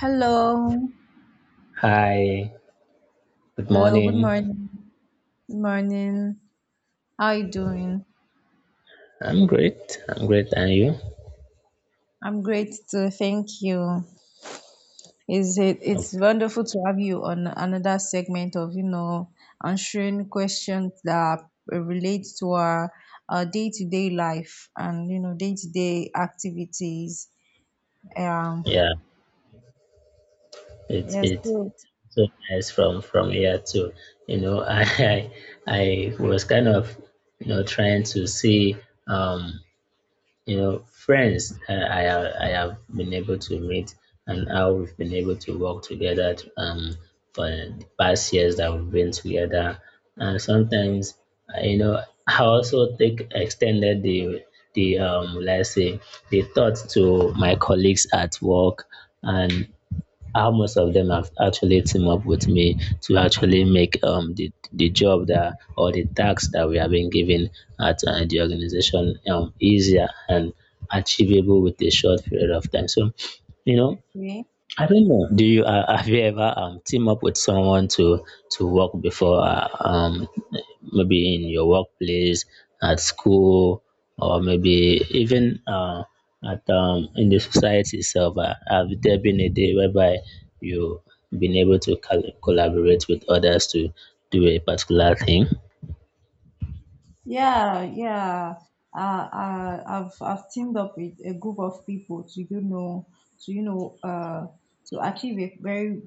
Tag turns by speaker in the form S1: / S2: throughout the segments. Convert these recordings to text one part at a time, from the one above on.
S1: Hello.
S2: Hi, good
S1: Hello. Good
S2: morning.
S1: morning. Good morning. How are you doing?
S2: I'm great, and you?
S1: I'm great too. Thank you. Is it
S2: Oh,
S1: It's wonderful to have you on another segment of, you know, answering questions that relate to our day-to-day life and, you know, day-to-day activities. Um,
S2: yeah, it's
S1: yes,
S2: it's
S1: so,
S2: so nice from here too. You know, I was kind of trying to see um friends, I have been able to meet and how we've been able to work together, for the past years that we've been together. And sometimes uh, you know I also take extended the, let's say, the thought to my colleagues at work and how most of them have actually team up with me to actually make, the job that or the tasks that we have been given at, the organization, easier and achievable with a short period of time. So, you know,
S1: okay.
S2: I don't know. Do you have you ever team up with someone to work before? Maybe in your workplace, at school, or maybe even, at in the society itself. Have there been a day whereby you been able to collaborate with others to do a particular thing?
S1: Yeah, yeah. I've teamed up with a group of people to you know to you know to achieve a very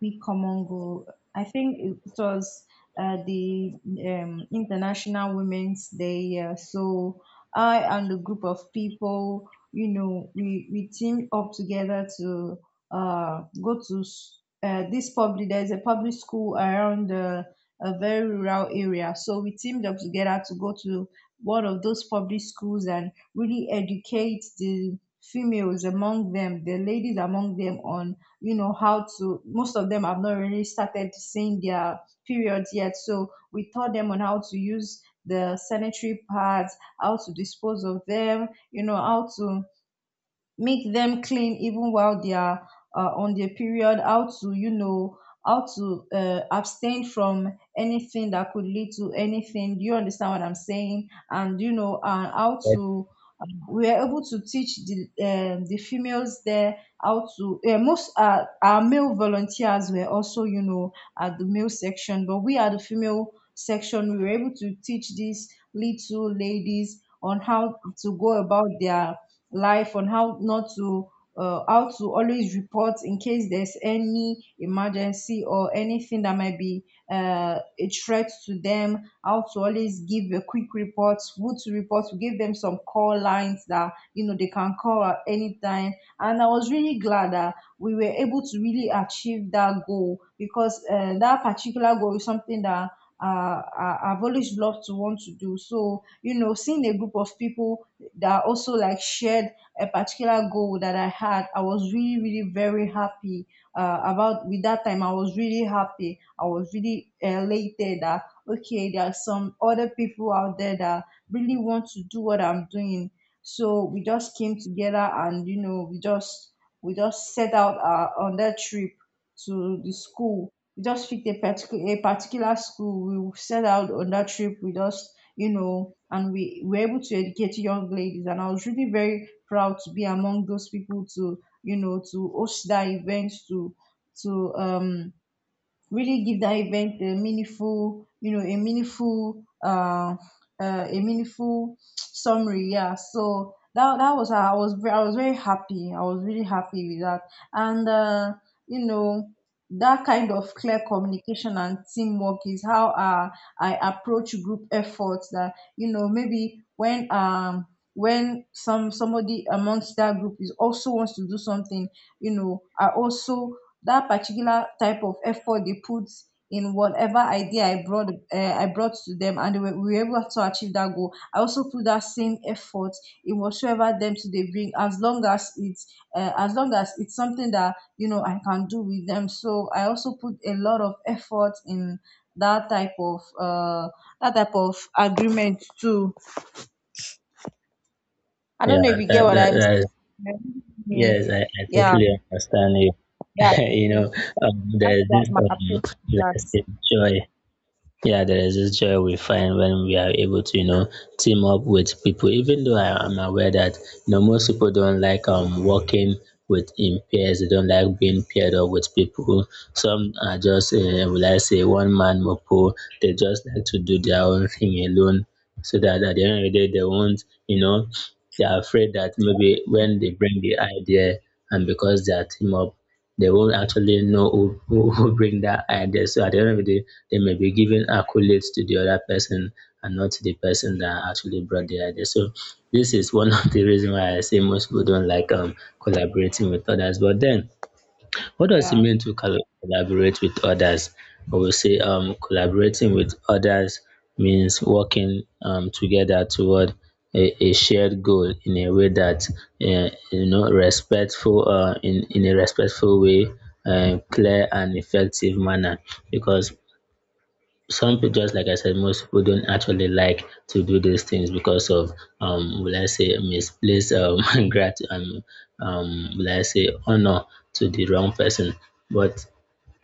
S1: big common goal. I think it was the International Women's Day. Yeah. So I and a group of people, you know, we teamed up together to go to this public. There's a public school around. A very rural area. So we teamed up together to go to one of those public schools and really educate the females among them, the ladies among them on, you know, how to, most of them have not really started seeing their periods yet. So we taught them on how to use the sanitary pads, how to dispose of them, you know, how to make them clean even while they are on their period, how to, you know, how to abstain from anything that could lead to anything. Do you understand what I'm saying? And you know, and how
S2: Yes.
S1: to we are able to teach the females there how to, most our male volunteers were also, you know, at the male section, but we are the female section. We were able to teach these little ladies on how to go about their life, on how not to, how to always report in case there's any emergency or anything that might be a threat to them, how to always give a quick report, who to report to, give them some call lines that you know they can call at any time. And I was really glad that we were able to really achieve that goal, because that particular goal is something that uh, I've always loved to want to do. So, you know, seeing a group of people that also like shared a particular goal that I had, I was really, really very happy about with that time. I was really happy. I was really elated that okay, there are some other people out there that really want to do what I'm doing. So we just came together, and you know, we just set out on that trip to the school. We just picked a particular school. We set out on that trip. We just, you know, and we were able to educate young ladies. And I was really very proud to be among those people to, you know, to host that event, to really give that event a meaningful, you know, a meaningful summary. Yeah. So that was how I was I was very happy. I was really happy with that, and you know that kind of clear communication and teamwork is how I approach group efforts. That you know, maybe when somebody amongst that group is also wants to do something, you know, I also that particular type of effort they put in whatever idea I brought, I brought to them, and they were, we were able to achieve that goal. I also put that same effort in whatsoever them to they bring, as long as it's as long as it's something that you know I can do with them. So I also put a lot of effort in that type of that type of agreement too. I
S2: Yeah,
S1: don't know if you get
S2: that,
S1: what
S2: that,
S1: I'm
S2: that is,
S1: saying.
S2: yes, I
S1: Yeah,
S2: totally understand you.
S1: yeah.
S2: you know,
S1: So that's, that's
S2: there's this
S1: what my approach to that.
S2: elastic joy. Yeah, there is this joy we find when we are able to, you know, team up with people. Even though I am aware that, you know, most people don't like working with in pairs, they don't like being paired up with people. Some are just, will I say, one man mopo. They just like to do their own thing alone, so that at the end of the day, they won't, you know, they are afraid that maybe when they bring the idea and because they are team up, they won't actually know who bring that idea. So at the end of the day, they may be giving accolades to the other person and not to the person that actually brought the idea. So this is one of the reasons why I say most people don't like collaborating with others. But then what does it
S1: Yeah.
S2: mean to collaborate with others? I will say, collaborating with others means working, together toward a shared goal in a way that, you know, respectful, in a respectful way, clear and effective manner. Because some people, just like I said, most people don't actually like to do these things because of, misplaced, grat- um, will I say, honor to the wrong person. But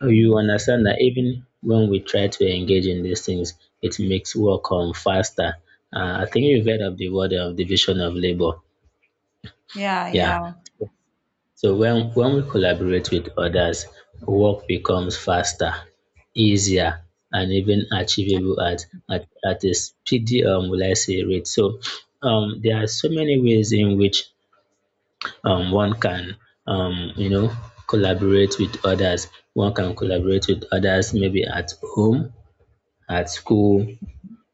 S2: you
S1: Yes.
S2: understand that even when we try to engage in these things, it makes work, faster. I think you've heard of the word of division of labor.
S1: Yeah, yeah.
S2: Yeah, so when we collaborate with others, work becomes faster, easier, and even achievable at, at a speedy, will I say, rate. So, there are so many ways in which, one can, you know, collaborate with others. One can collaborate with others maybe at home, at school,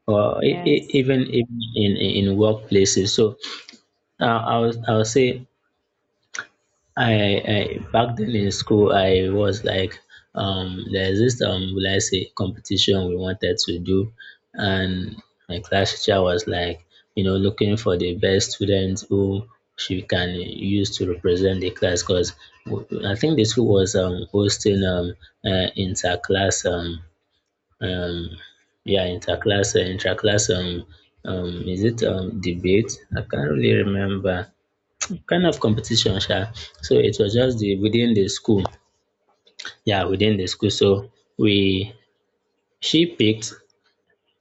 S2: or
S1: Yes.
S2: even in, in workplaces. So, I'll say, I, I back then in school I was like, there's this, will I say, competition we wanted to do, and my class teacher was like, you know, looking for the best student who she can use to represent the class, because I think the school was hosting, interclass, um yeah, interclass, intraclass, is it, debate, I can't really remember, kind of competition sha. So it was just the within the school, yeah, within the school. So we, she picked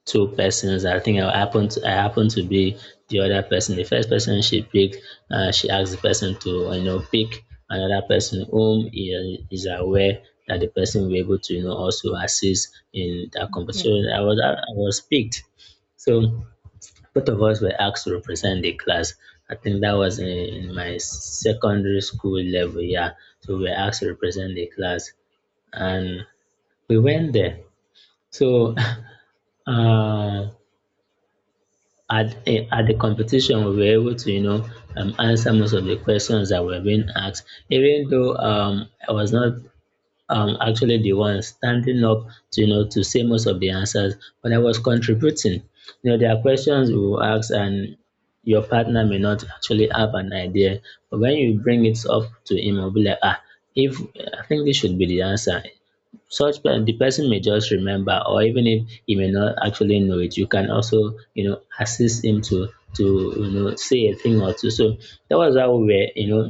S2: two persons. I think I happened to be the other person. The first person she picked, she asked the person to, you know, pick another person whom he is aware that the person will be able to, you know, also assist in that
S1: Yeah.
S2: competition. I was picked. So both of us were asked to represent the class. I think that was in my secondary school level, yeah. So we were asked to represent the class, and we went there. So uh, at the competition, we were able to, you know, answer most of the questions that were being asked. Even though, I was not, actually the one standing up to, you know, to say most of the answers. When I was contributing, you know, there are questions we will ask and your partner may not actually have an idea. But when you bring it up to him, he'll be like, ah, if I think this should be the answer, such plan the person may just remember, or even if he may not actually know it, you can also, you know, assist him to you know, say a thing or two. So that was how we were, you know,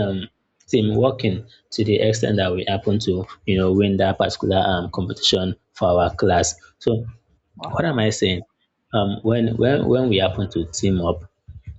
S2: um team working, to the extent that we happened to, you know, win that particular competition for our class. So what am
S1: Wow.
S2: I saying? When we happen to team up,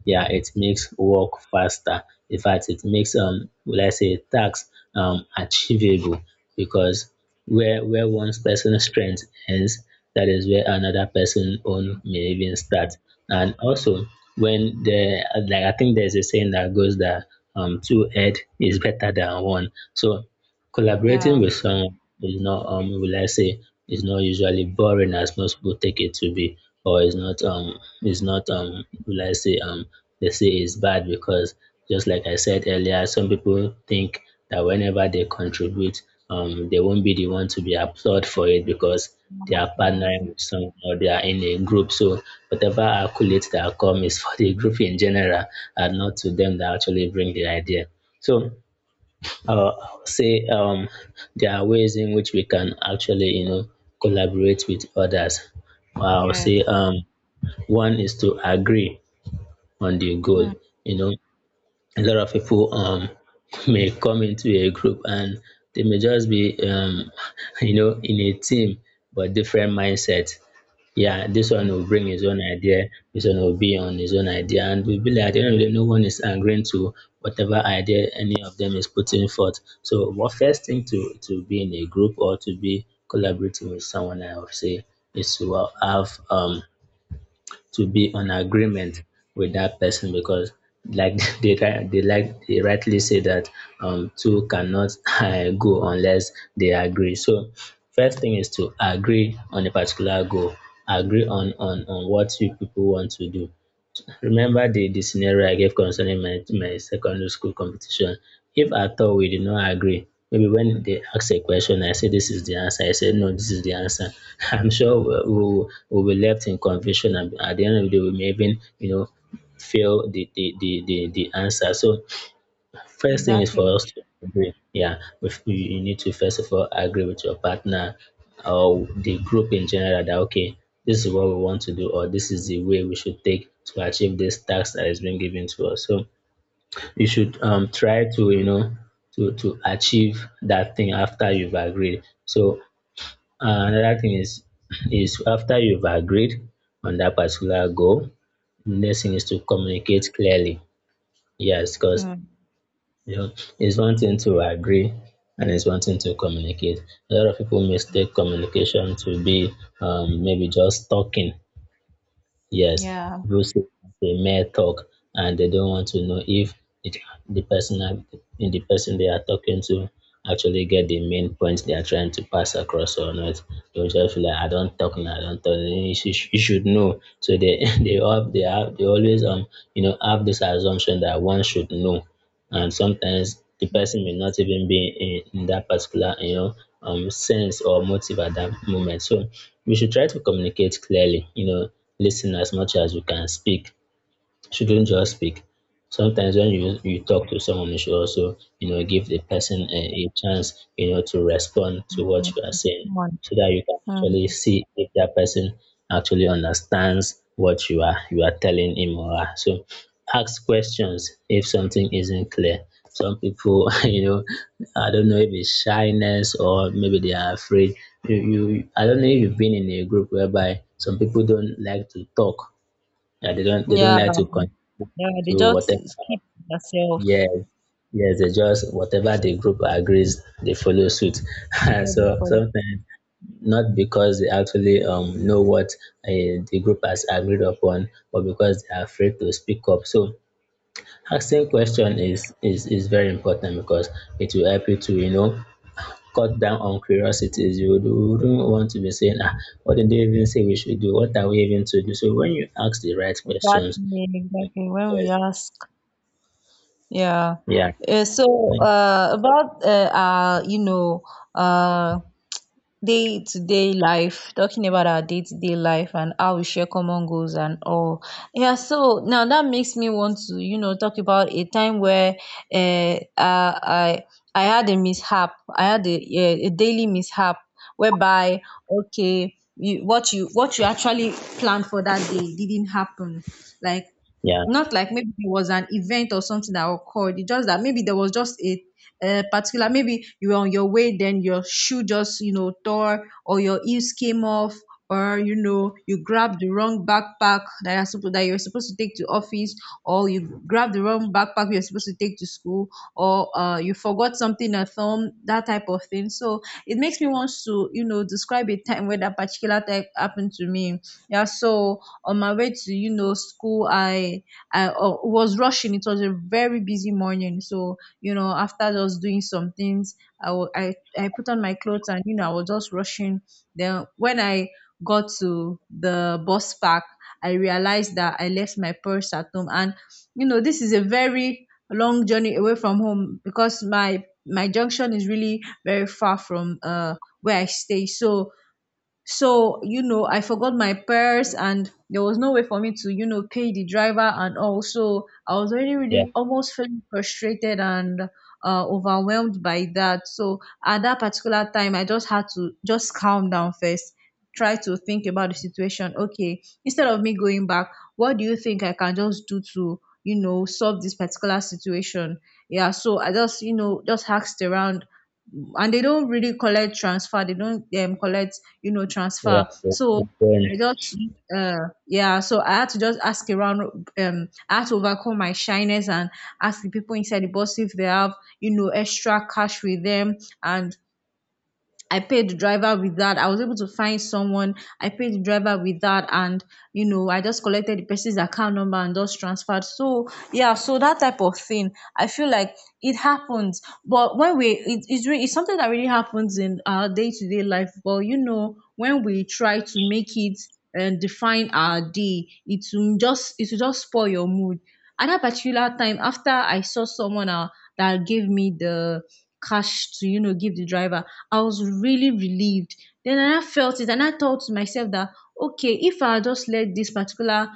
S2: yeah, it makes work faster. In fact, it makes, let's say, tax, achievable, because where one person's strength ends, that is where another person own may even start. And also, when the, like, I think there's a saying that goes that, two head is better than one. So collaborating
S1: Yeah.
S2: with someone is not, will I say, is not usually boring as most people take it to be, or is not, will I say, they say is bad because, just like I said earlier, some people think that whenever they contribute, they won't be the one to be applauded for it because they are
S1: Mhm.
S2: partnering with someone, or they are in a group. So whatever accolades that come is for the group in general, and not to them that actually bring the idea. So, uh, say, there are ways in which we can actually, you know, collaborate with others. I'll say,
S1: Yes.
S2: one is to agree on the goal.
S1: Mm.
S2: You know, a lot of people, may come into a group, and they may just be, you know, in a team but different mindset. Yeah, this one will bring his own idea, this one will be on his own idea, and we believe at the end of the day, no one is agreeing to whatever idea any of them is putting forth. So, what first thing to be in a group or to be collaborating with someone, I would say, is to, have, to be on agreement with that person, because like they like, they rightly say that, two cannot go unless they agree. So first thing is to agree on a particular goal, agree on what you people want to do. Remember the scenario I gave concerning my secondary school competition. If at all we did not agree, maybe when they ask a question, I say this is the answer, I say no, this is the answer, I'm sure we will be left in confusion, and at the end of the day, we may even, you know, fail the the answer. So first thing is for
S1: Exactly.
S2: us to agree. Yeah, if you, you need to first of all agree with your partner or the group in general, that okay, this is what we want to do, or this is the way we should take to achieve this task that has been given to us. So you should, try to, you know, to achieve that thing after you've agreed. So, another thing is is after you've agreed on that particular goal, next thing is to communicate clearly. Yes, because,
S1: Mm.
S2: you know, it's one thing to agree and it's one thing to communicate. A lot of people mistake communication to be, maybe just talking. Yes,
S1: Yeah.
S2: people say they may talk, and they don't want to know if it, the person in the person they are talking to actually get the main point they are trying to pass across or not. They'll just feel like I don't talk now, I don't talk, you should, you should know. So they they always, you know, have this assumption that one should know, and sometimes the person may not even be in that particular, you know, sense or motive at that moment. So we should try to communicate clearly, you know, listen as much as you can speak, shouldn't just speak. Sometimes when you talk to someone, you should also give the person a chance to respond to what you are saying, so that you can actually
S1: Mm.
S2: see if that person actually understands what you are telling him or her. So ask questions if something isn't clear. Some people, I don't know if it's shyness or maybe they are afraid. I don't know if you've been in a group whereby some people don't like to talk. Yeah, they don't
S1: Yeah.
S2: like to
S1: Yes.
S2: to whatever.
S1: It's keep yourself.
S2: Yeah, yes, they just whatever the group agrees, they follow suit.
S1: What do
S2: So
S1: you call it?
S2: sometimes not because they actually know what the group has agreed upon, but because they are afraid to speak up. So asking question is very important because it will help you to cut down on curiosities. You wouldn't want to be saying, ah, what did they even say we should do? What are we even to do? So when you ask the right questions,
S1: Exactly.
S2: yes,
S1: Exactly. When we ask. Yeah.
S2: yeah,
S1: Uh, so
S2: when-
S1: uh, about uh, uh, you know, uh, day-to-day life, talking about our day-to-day life and how we share common goals and all. Yeah, so now that makes me want to, you know, talk about a time where uh, I I had a mishap. I had a daily mishap whereby okay, you, what you actually planned for that day didn't happen. Like
S2: yeah.
S1: not like maybe it was an event or something that occurred. It's just that maybe there was just a particular, maybe you were on your way, then your shoe just, you know, tore, or your heels came off, or, you know, you grabbed the wrong backpack that you're supposed to take to office, or you grabbed the wrong backpack you're supposed to take to school, or you forgot something at home, that type of thing. So it makes me want to, you know, describe a time where that particular type happened to me. Yeah, so on my way to, you know, school, I was rushing. It was a very busy morning. So, you know, after just doing some things, I wa- I put on my clothes, and, you know, I was just rushing. Then when I got to the bus park, I realized that I left my purse at home. And, you know, this is a very long journey away from home, because my junction is really very far from where I stay. So so you know, I forgot my purse, and there was no way for me to you know pay the driver, and also I was already
S2: Yeah,
S1: really almost feeling frustrated and overwhelmed by that. So at that particular time, I just had to just calm down first, try to think about the situation. Okay, instead of me going back, what do you think I can just do to, you know, solve this particular situation? Yeah, so I just, you know, just asked around, and they don't really collect transfer. They don't, collect, you know,
S2: yeah,
S1: transfer.
S2: the
S1: So I
S2: burn.
S1: just, yeah. So I had to just ask around. I had to overcome my shyness and ask the people inside the bus if they have, you know, extra cash with them. And I paid the driver with that. I was able to find someone. I paid the driver with that, and you know, I just collected the person's account number and just transferred. So yeah, so that type of thing, I feel like it happens. But when we, it, it's really, it's something that really happens in our day to day life. But you know, when we try to make it and define our day, it will just spoil your mood. At that particular time, after I saw someone that gave me the cash to, you know, give the driver, I was really relieved. Then I felt it, and I thought to myself that okay, if I just let this particular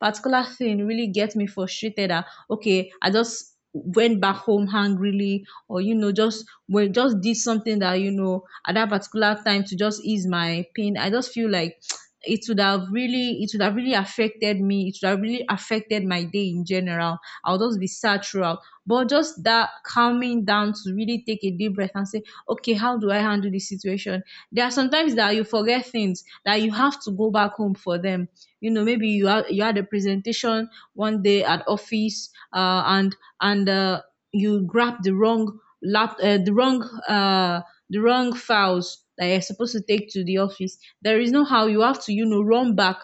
S1: particular thing really get me frustrated, that okay, I just went back home hungrily, or you know, just well, just did something that you know at that particular time to just ease my pain, I just feel like it would have really affected me. It would have really affected my day in general. I'll just be sad throughout. But just that calming down to really take a deep breath and say, okay, how do I handle this situation? There are sometimes that you forget things that you have to go back home for them. You know, maybe you had a presentation one day at office, and you grab the wrong lap the wrong files that you're supposed to take to the office. There is no how, you have to, you know, run back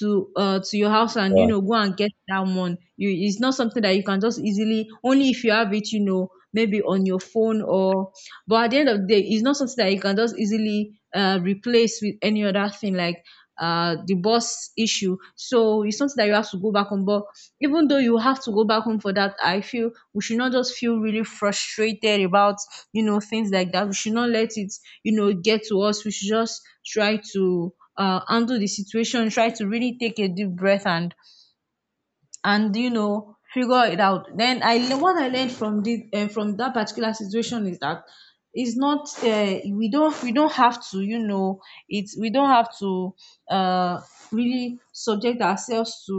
S1: to your house and you
S2: So,
S1: know, go and get that one. You it's not something that you can just easily, only if you have it, you know, maybe on your phone or but at the end of the day, it's not something that you can just easily replace with any other thing, like the boss issue. So it's something that you have to go back on. But even though you have to go back home for that, I feel we should not just feel really frustrated about things like that. We should not let it get to us. We should just try to handle the situation, try to really take a deep breath and and figure it out. Then what I learned from this from that particular situation is that it's not we don't have to it's we don't have to uh, really subject ourselves to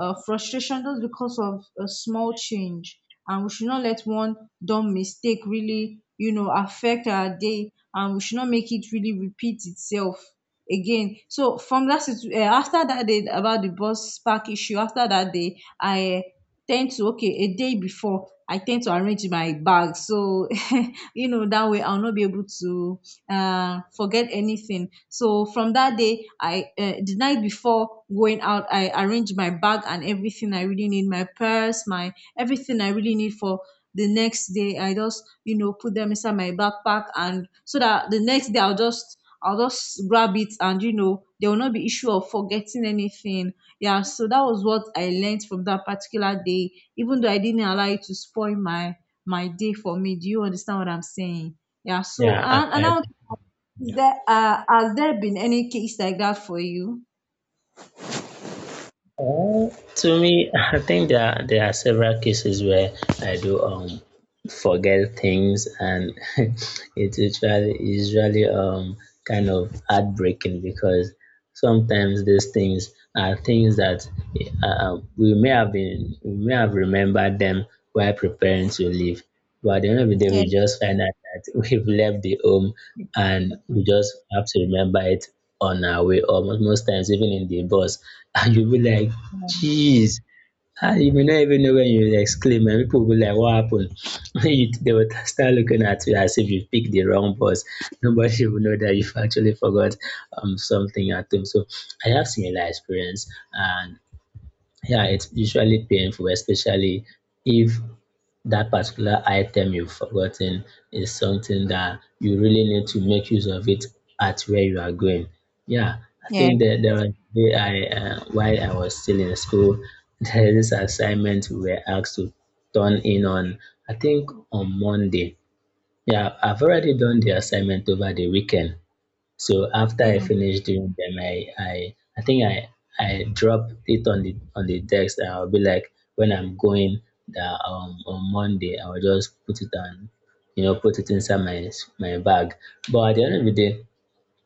S1: frustration just because of a small change. And we should not let one dumb mistake really affect our day, and we should not make it really repeat itself again. So after that day, about the bus park issue, after that day I tend to, okay, a day before, I tend to arrange my bag so. You know, that way I'll not be able to forget anything. So from that day I the night before going out, I arrange my bag and everything I really need, my purse, my everything I really need for the next day. I just put them inside my backpack, and so that the next day I'll just I'll just grab it, and there will not be issue of forgetting anything. Yeah, so that was what I learned from that particular day, even though I didn't allow it to spoil my my day for me. Do you understand what I'm saying? Yeah, so
S2: yeah,
S1: and, and I want to ask, is there has there been any case like that for you?
S2: uh, to me, I think there are several cases where I do forget things, and it usually kind of heartbreaking because sometimes these things are things that we may have remembered them while preparing to leave, but at the end of the day
S1: Yeah.
S2: we just find out that we've left the home and
S1: Okay.
S2: we just have to remember it on our way. Almost most times even in the bus, and you'll be like,
S1: Um,
S2: jeez. Ah, you may not even know when you exclaim and people will be like, what happened? They will start looking at you as if you picked the wrong bus. Nobody will know that you've actually forgot something at home. So I have similar experience, and yeah, it's usually painful, especially if that particular item you've forgotten is something that you really need to make use of it at where you are going. Yeah, I
S1: yeah.
S2: think that there was a day while I was still in school, there is this assignment we were asked to turn in on, I think on Monday. Yeah, I've already done the assignment over the weekend. So after I
S1: Mm.
S2: finished doing them, I think I drop it on the text. I'll be like, when I'm going that on Monday, I'll just put it on, you know, put it inside my bag. But at the end of the day,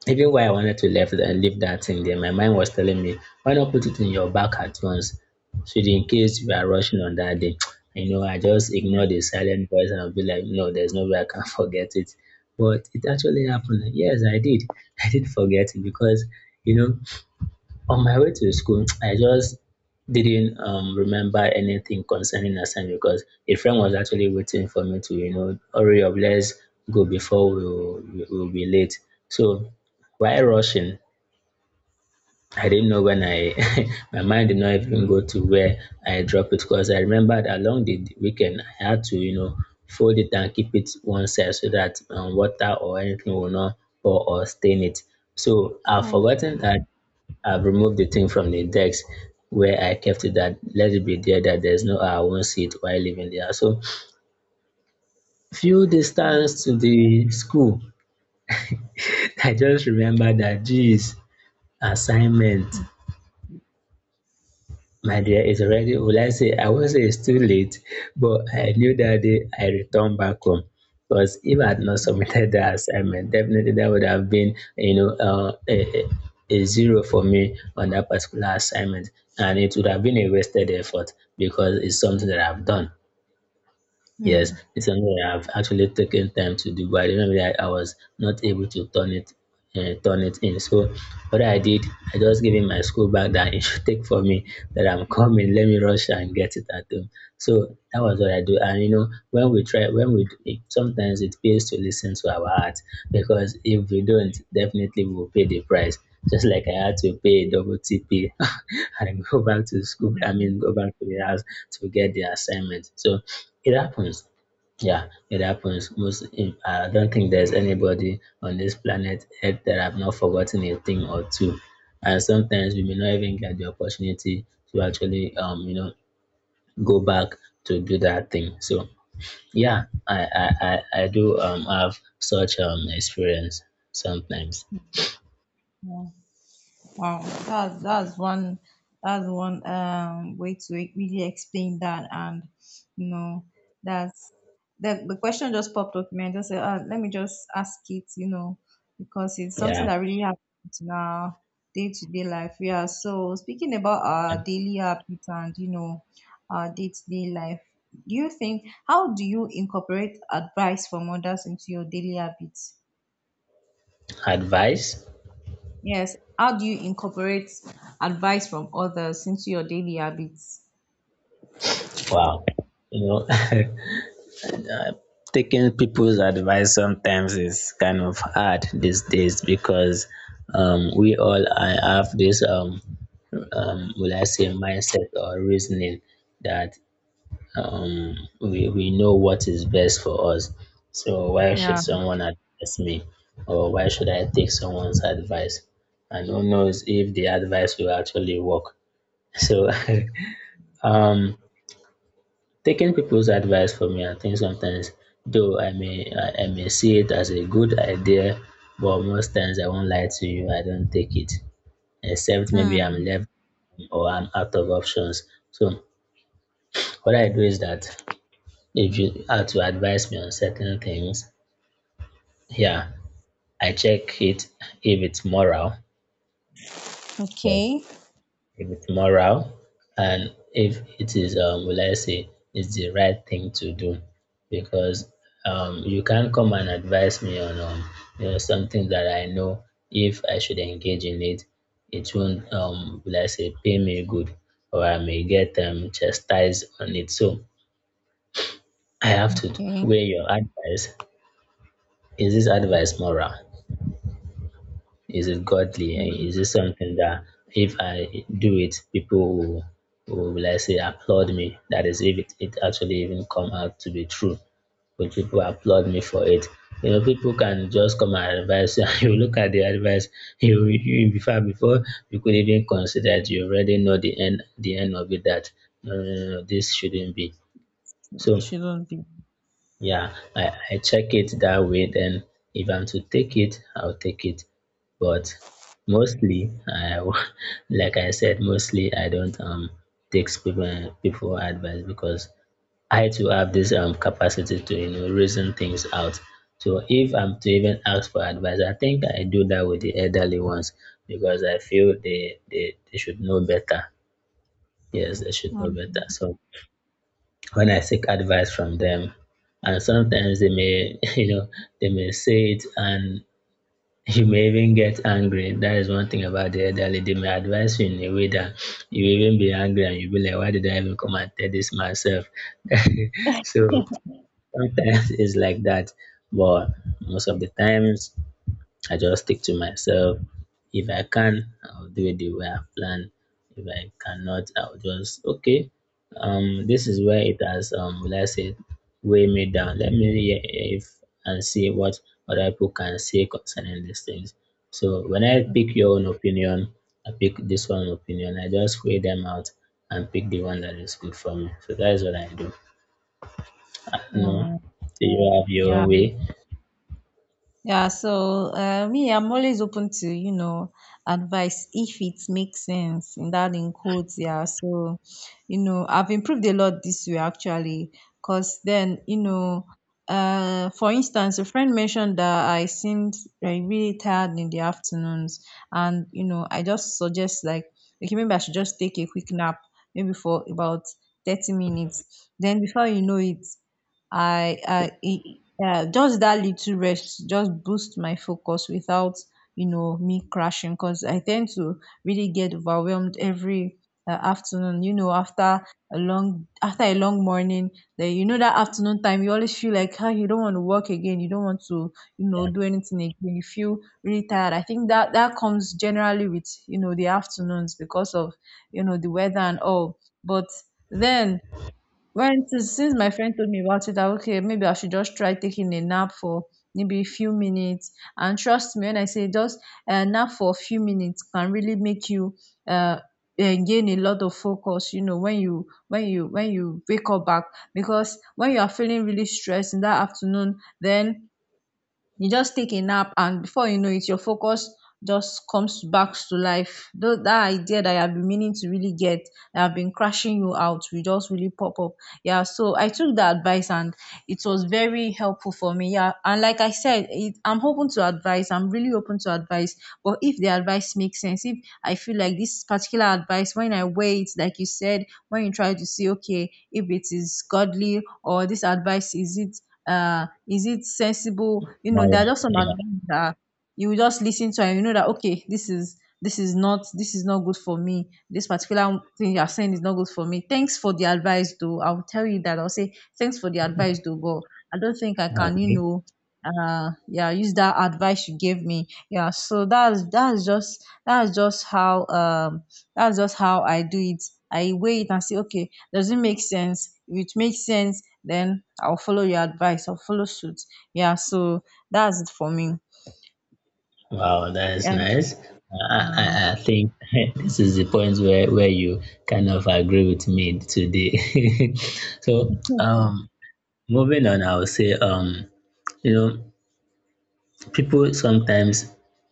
S2: even while I wanted to leave, and leave that thing there, my mind was telling me, why not put it in your bag at once? So that in case you are rushing on that day, you know, I just ignore the silent voice and I'll be like, no, there's no way I can forget it. But it actually happened. Yes, I did. I did forget it because, you know, on my way to school, I just didn't remember anything concerning assignment because a friend was actually waiting for me to, you know, hurry up, let's go before we'll be late. So while rushing, I didn't know when I, my mind did not even go to where I dropped it because I remembered along the weekend I had to, you know, fold it and keep it one side so that water or anything will not pour or stain it. So I've
S1: Oh.
S2: forgotten that I've removed the thing from the index where I kept it, that let it be there, that there's no I won't see it while living there. So few distance to the school, I just remember that, geez, assignment. My dear, it's already, will I say, I won't say it's too late, but I knew that day I returned back home. Because if I had not submitted the assignment, definitely that would have been, you know, a zero for me on that particular assignment. And it would have been a wasted effort because it's something that I've done. Yes,
S1: Hmm.
S2: it's something I've actually taken time to do, but I remember I was not able to turn it in. So what I did, I just gave him my school bag that he should take for me. That I'm coming. Let me rush and get it at home. So that was what I do. And you know, when we try, when we it, sometimes it pays to listen to our heart, because if we don't, definitely we will pay the price. Just like I had to pay a double TP and go back to school. I mean, go back to the house to get the assignment. So it happens. Yeah, it happens. Most, I don't think there's anybody on this planet Earth that have not forgotten a thing or two. And sometimes we may not even get the opportunity to actually, you know, go back to do that thing. So yeah, I do have such experience sometimes.
S1: Yeah. Wow, that's one that's one way to really explain that, and you know that's the question just popped up in me. I just said, let me just ask it, you know, because it's something
S2: Yeah,
S1: that really happens in our day to day life. Yeah. So speaking about our daily habits and you know our day to day life, do you think how do you incorporate advice from others into your daily habits?
S2: advice.
S1: Yes. How do you incorporate advice from others into your daily habits?
S2: Wow, you know. Taking people's advice sometimes is kind of hard these days because we all I have this will I say mindset or reasoning that um, we know what is best for us. So why should
S1: Yeah.
S2: someone advise me, or why should I take someone's advice? And who knows if the advice will actually work? So um, taking people's advice for me, I think sometimes, though I may see it as a good idea, but most times I won't lie to you, I don't take it. Except maybe I'm
S1: Hmm.
S2: left or I'm out of options. So what I do is that if you are to advise me on certain things, yeah, I check it if it's moral, yeah,
S1: Okay.
S2: if it's moral, and if it is, will I say, it's the right thing to do. Because you can't come and advise me on you know, something that I know if I should engage in it, it won't, will I say, pay me good, or I may get chastised on it. So I have to
S1: Okay.
S2: weigh your advice. Is this advice moral? Is it godly? And is it something that if I do it, people will let's say, applaud me? That is, if it actually even come out to be true, will people applaud me for it? You know, people can just come and advise you. You look at the advice, you before you could even consider it. You already know the end of it. That no, no, no, no, this shouldn't be. So
S1: It shouldn't be.
S2: yeah, I check it that way. Then if I'm to take it, I'll take it. But mostly, like I said, mostly I don't take people advice because I too have this capacity to you know reason things out. So if I'm to even ask for advice, I think I do that with the elderly ones because I feel they should know better. Yes, they should know better.
S1: Hmm.
S2: So when I seek advice from them. And sometimes they may, you know, they may say it and you may even get angry. That is one thing about the elderly. They may advise you in a way that you will even be angry and you'll be like, why did I even come and tell this myself? So sometimes it's like that. But most of the times I just stick to myself. If I can, I'll do it the way I plan. If I cannot, I'll just okay. This is where it has will I say, weigh me down. Let me hear if and see what other people can say concerning these things. So when I pick your own opinion, I pick this one opinion. I just weigh them out and pick the one that is good for me. So that is what I do. No,
S1: Oh,
S2: so you have your
S1: yeah.
S2: own way.
S1: Yeah, so me, I'm always open to, you know, advice if it makes sense, in that in quotes. Yeah, so, you know, I've improved a lot this way actually, because then, you know, for instance, a friend mentioned that I seemed like really tired in the afternoons, and you know, I just suggest like, okay, maybe I should just take a quick nap, maybe for about 30 minutes. Then before you know it, I i yeah, just that little rest just boost my focus without you know me crashing, because I tend to really get overwhelmed every afternoon, you know, after a long morning. Then you know that afternoon time, you always feel like, ah, you don't want to work again, you don't want to you know
S2: Yeah,
S1: do anything again, you feel really tired. I think that that comes generally with you know the afternoons because of you know the weather and all. But then, when since my friend told me about it that, okay, maybe I should just try taking a nap for maybe a few minutes, and trust me when I say just a nap for a few minutes can really make you uh, gain a lot of focus, you know, when you wake up back. Because when you are feeling really stressed in that afternoon, then you just take a nap, and before you know it your focus just comes back to life. That idea that you have been meaning to really get, that have been crashing you out, will just really pop up. Yeah, so I took the advice and it was very helpful for me. Yeah, and like I said it, I'm open to advice, I'm really open to advice, but if the advice makes sense, if I feel like this particular advice, when I weigh it, like you said, when you try to see, okay, if it is godly, or this advice, is it sensible. You know,
S2: more.
S1: there are just some
S2: Yeah.
S1: advice that you will just listen to and you know that, okay, this is this is not good for me, this particular thing you are saying is not good for me. Thanks for the advice though, I will tell you that, I'll say thanks for the advice though, but I don't think I can you
S2: Um,
S1: know yeah use that advice you gave me. Yeah, so that's just how I do it. I weigh it and say, okay, does it make sense? If it makes sense, then I'll follow your advice, I'll follow suit. Yeah, so that's it for me.
S2: wow, that is
S1: Yeah.
S2: nice. I think this is the point where you kind of agree with me today. So, moving on, I will say, you know, people sometimes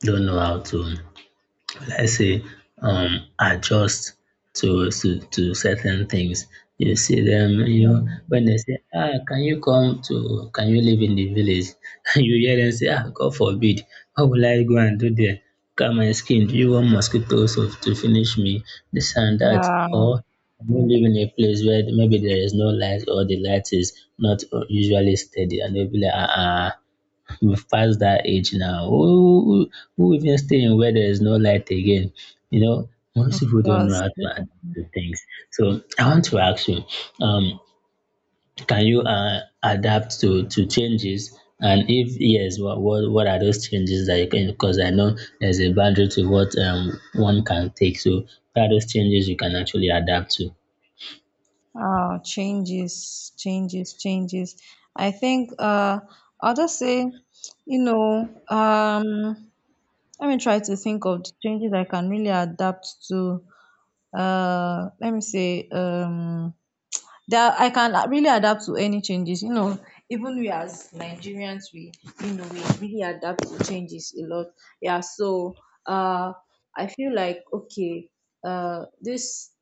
S2: don't know how to should I say, adjust to certain things. You see them, you know, when they say, ah, can you come to, can you live in the village? And you hear them say, ah, God forbid, what will I go and do there? Look at my skin, do you want mosquitoes to finish me? This and that.
S1: Yeah,
S2: Or you live in a place where maybe there is no light or the light is not usually steady and they'll be like, ah, ah we pass that age now. Who even stay in where there is no light again? You know, most people don't know
S1: because
S2: how to adapt to things. So I want to ask you, um, can you adapt to changes? And if yes, what are those changes that you can? Because I know there's a boundary to what one can take. So what are those changes you can actually adapt to?
S1: changes changes, I think I'll just say, you know, um, let me try to think of the changes I can really adapt to. Let me say, um, that I can really adapt to any changes. You know, even we as Nigerians, we you know we really adapt to changes a lot. Yeah, so uh, I feel like, okay, this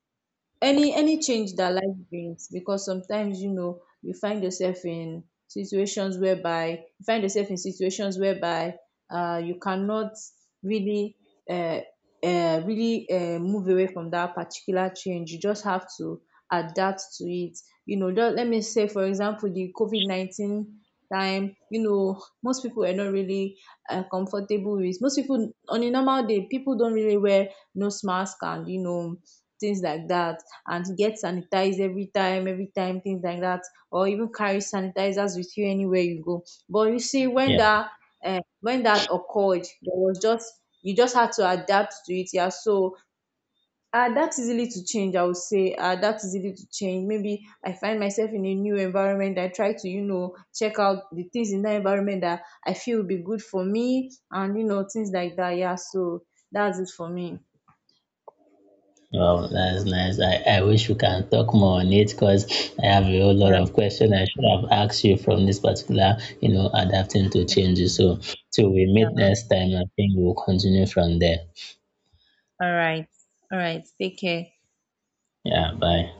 S1: any change that life brings, because sometimes you know you find yourself in situations whereby you cannot really uh, really move away from that particular change, you just have to adapt to it. You know, just let me say for example the covid-19 time, you know, most people are not really comfortable with. Most people, on a normal day, people don't really wear nose mask and you know things like that, and get sanitized every time, things like that, or even carry sanitizers with you anywhere you go. But you see,
S2: Yeah.
S1: when that occurred, there was just, you just had to adapt to it. Yeah, so that's easily to change. I would say that's easily to change. Maybe I find myself in a new environment, I try to you know check out the things in that environment that I feel will be good for me, and you know things like that. Yeah, so that's it for me.
S2: Oh, that's nice. I wish we can talk more on it because I have a whole lot
S1: Yeah,
S2: of questions I should have asked you from this particular, you know, adapting to changes. So, till we meet
S1: yeah.
S2: next time, I think we'll continue from there.
S1: All right. All right. Take care.
S2: Yeah, bye.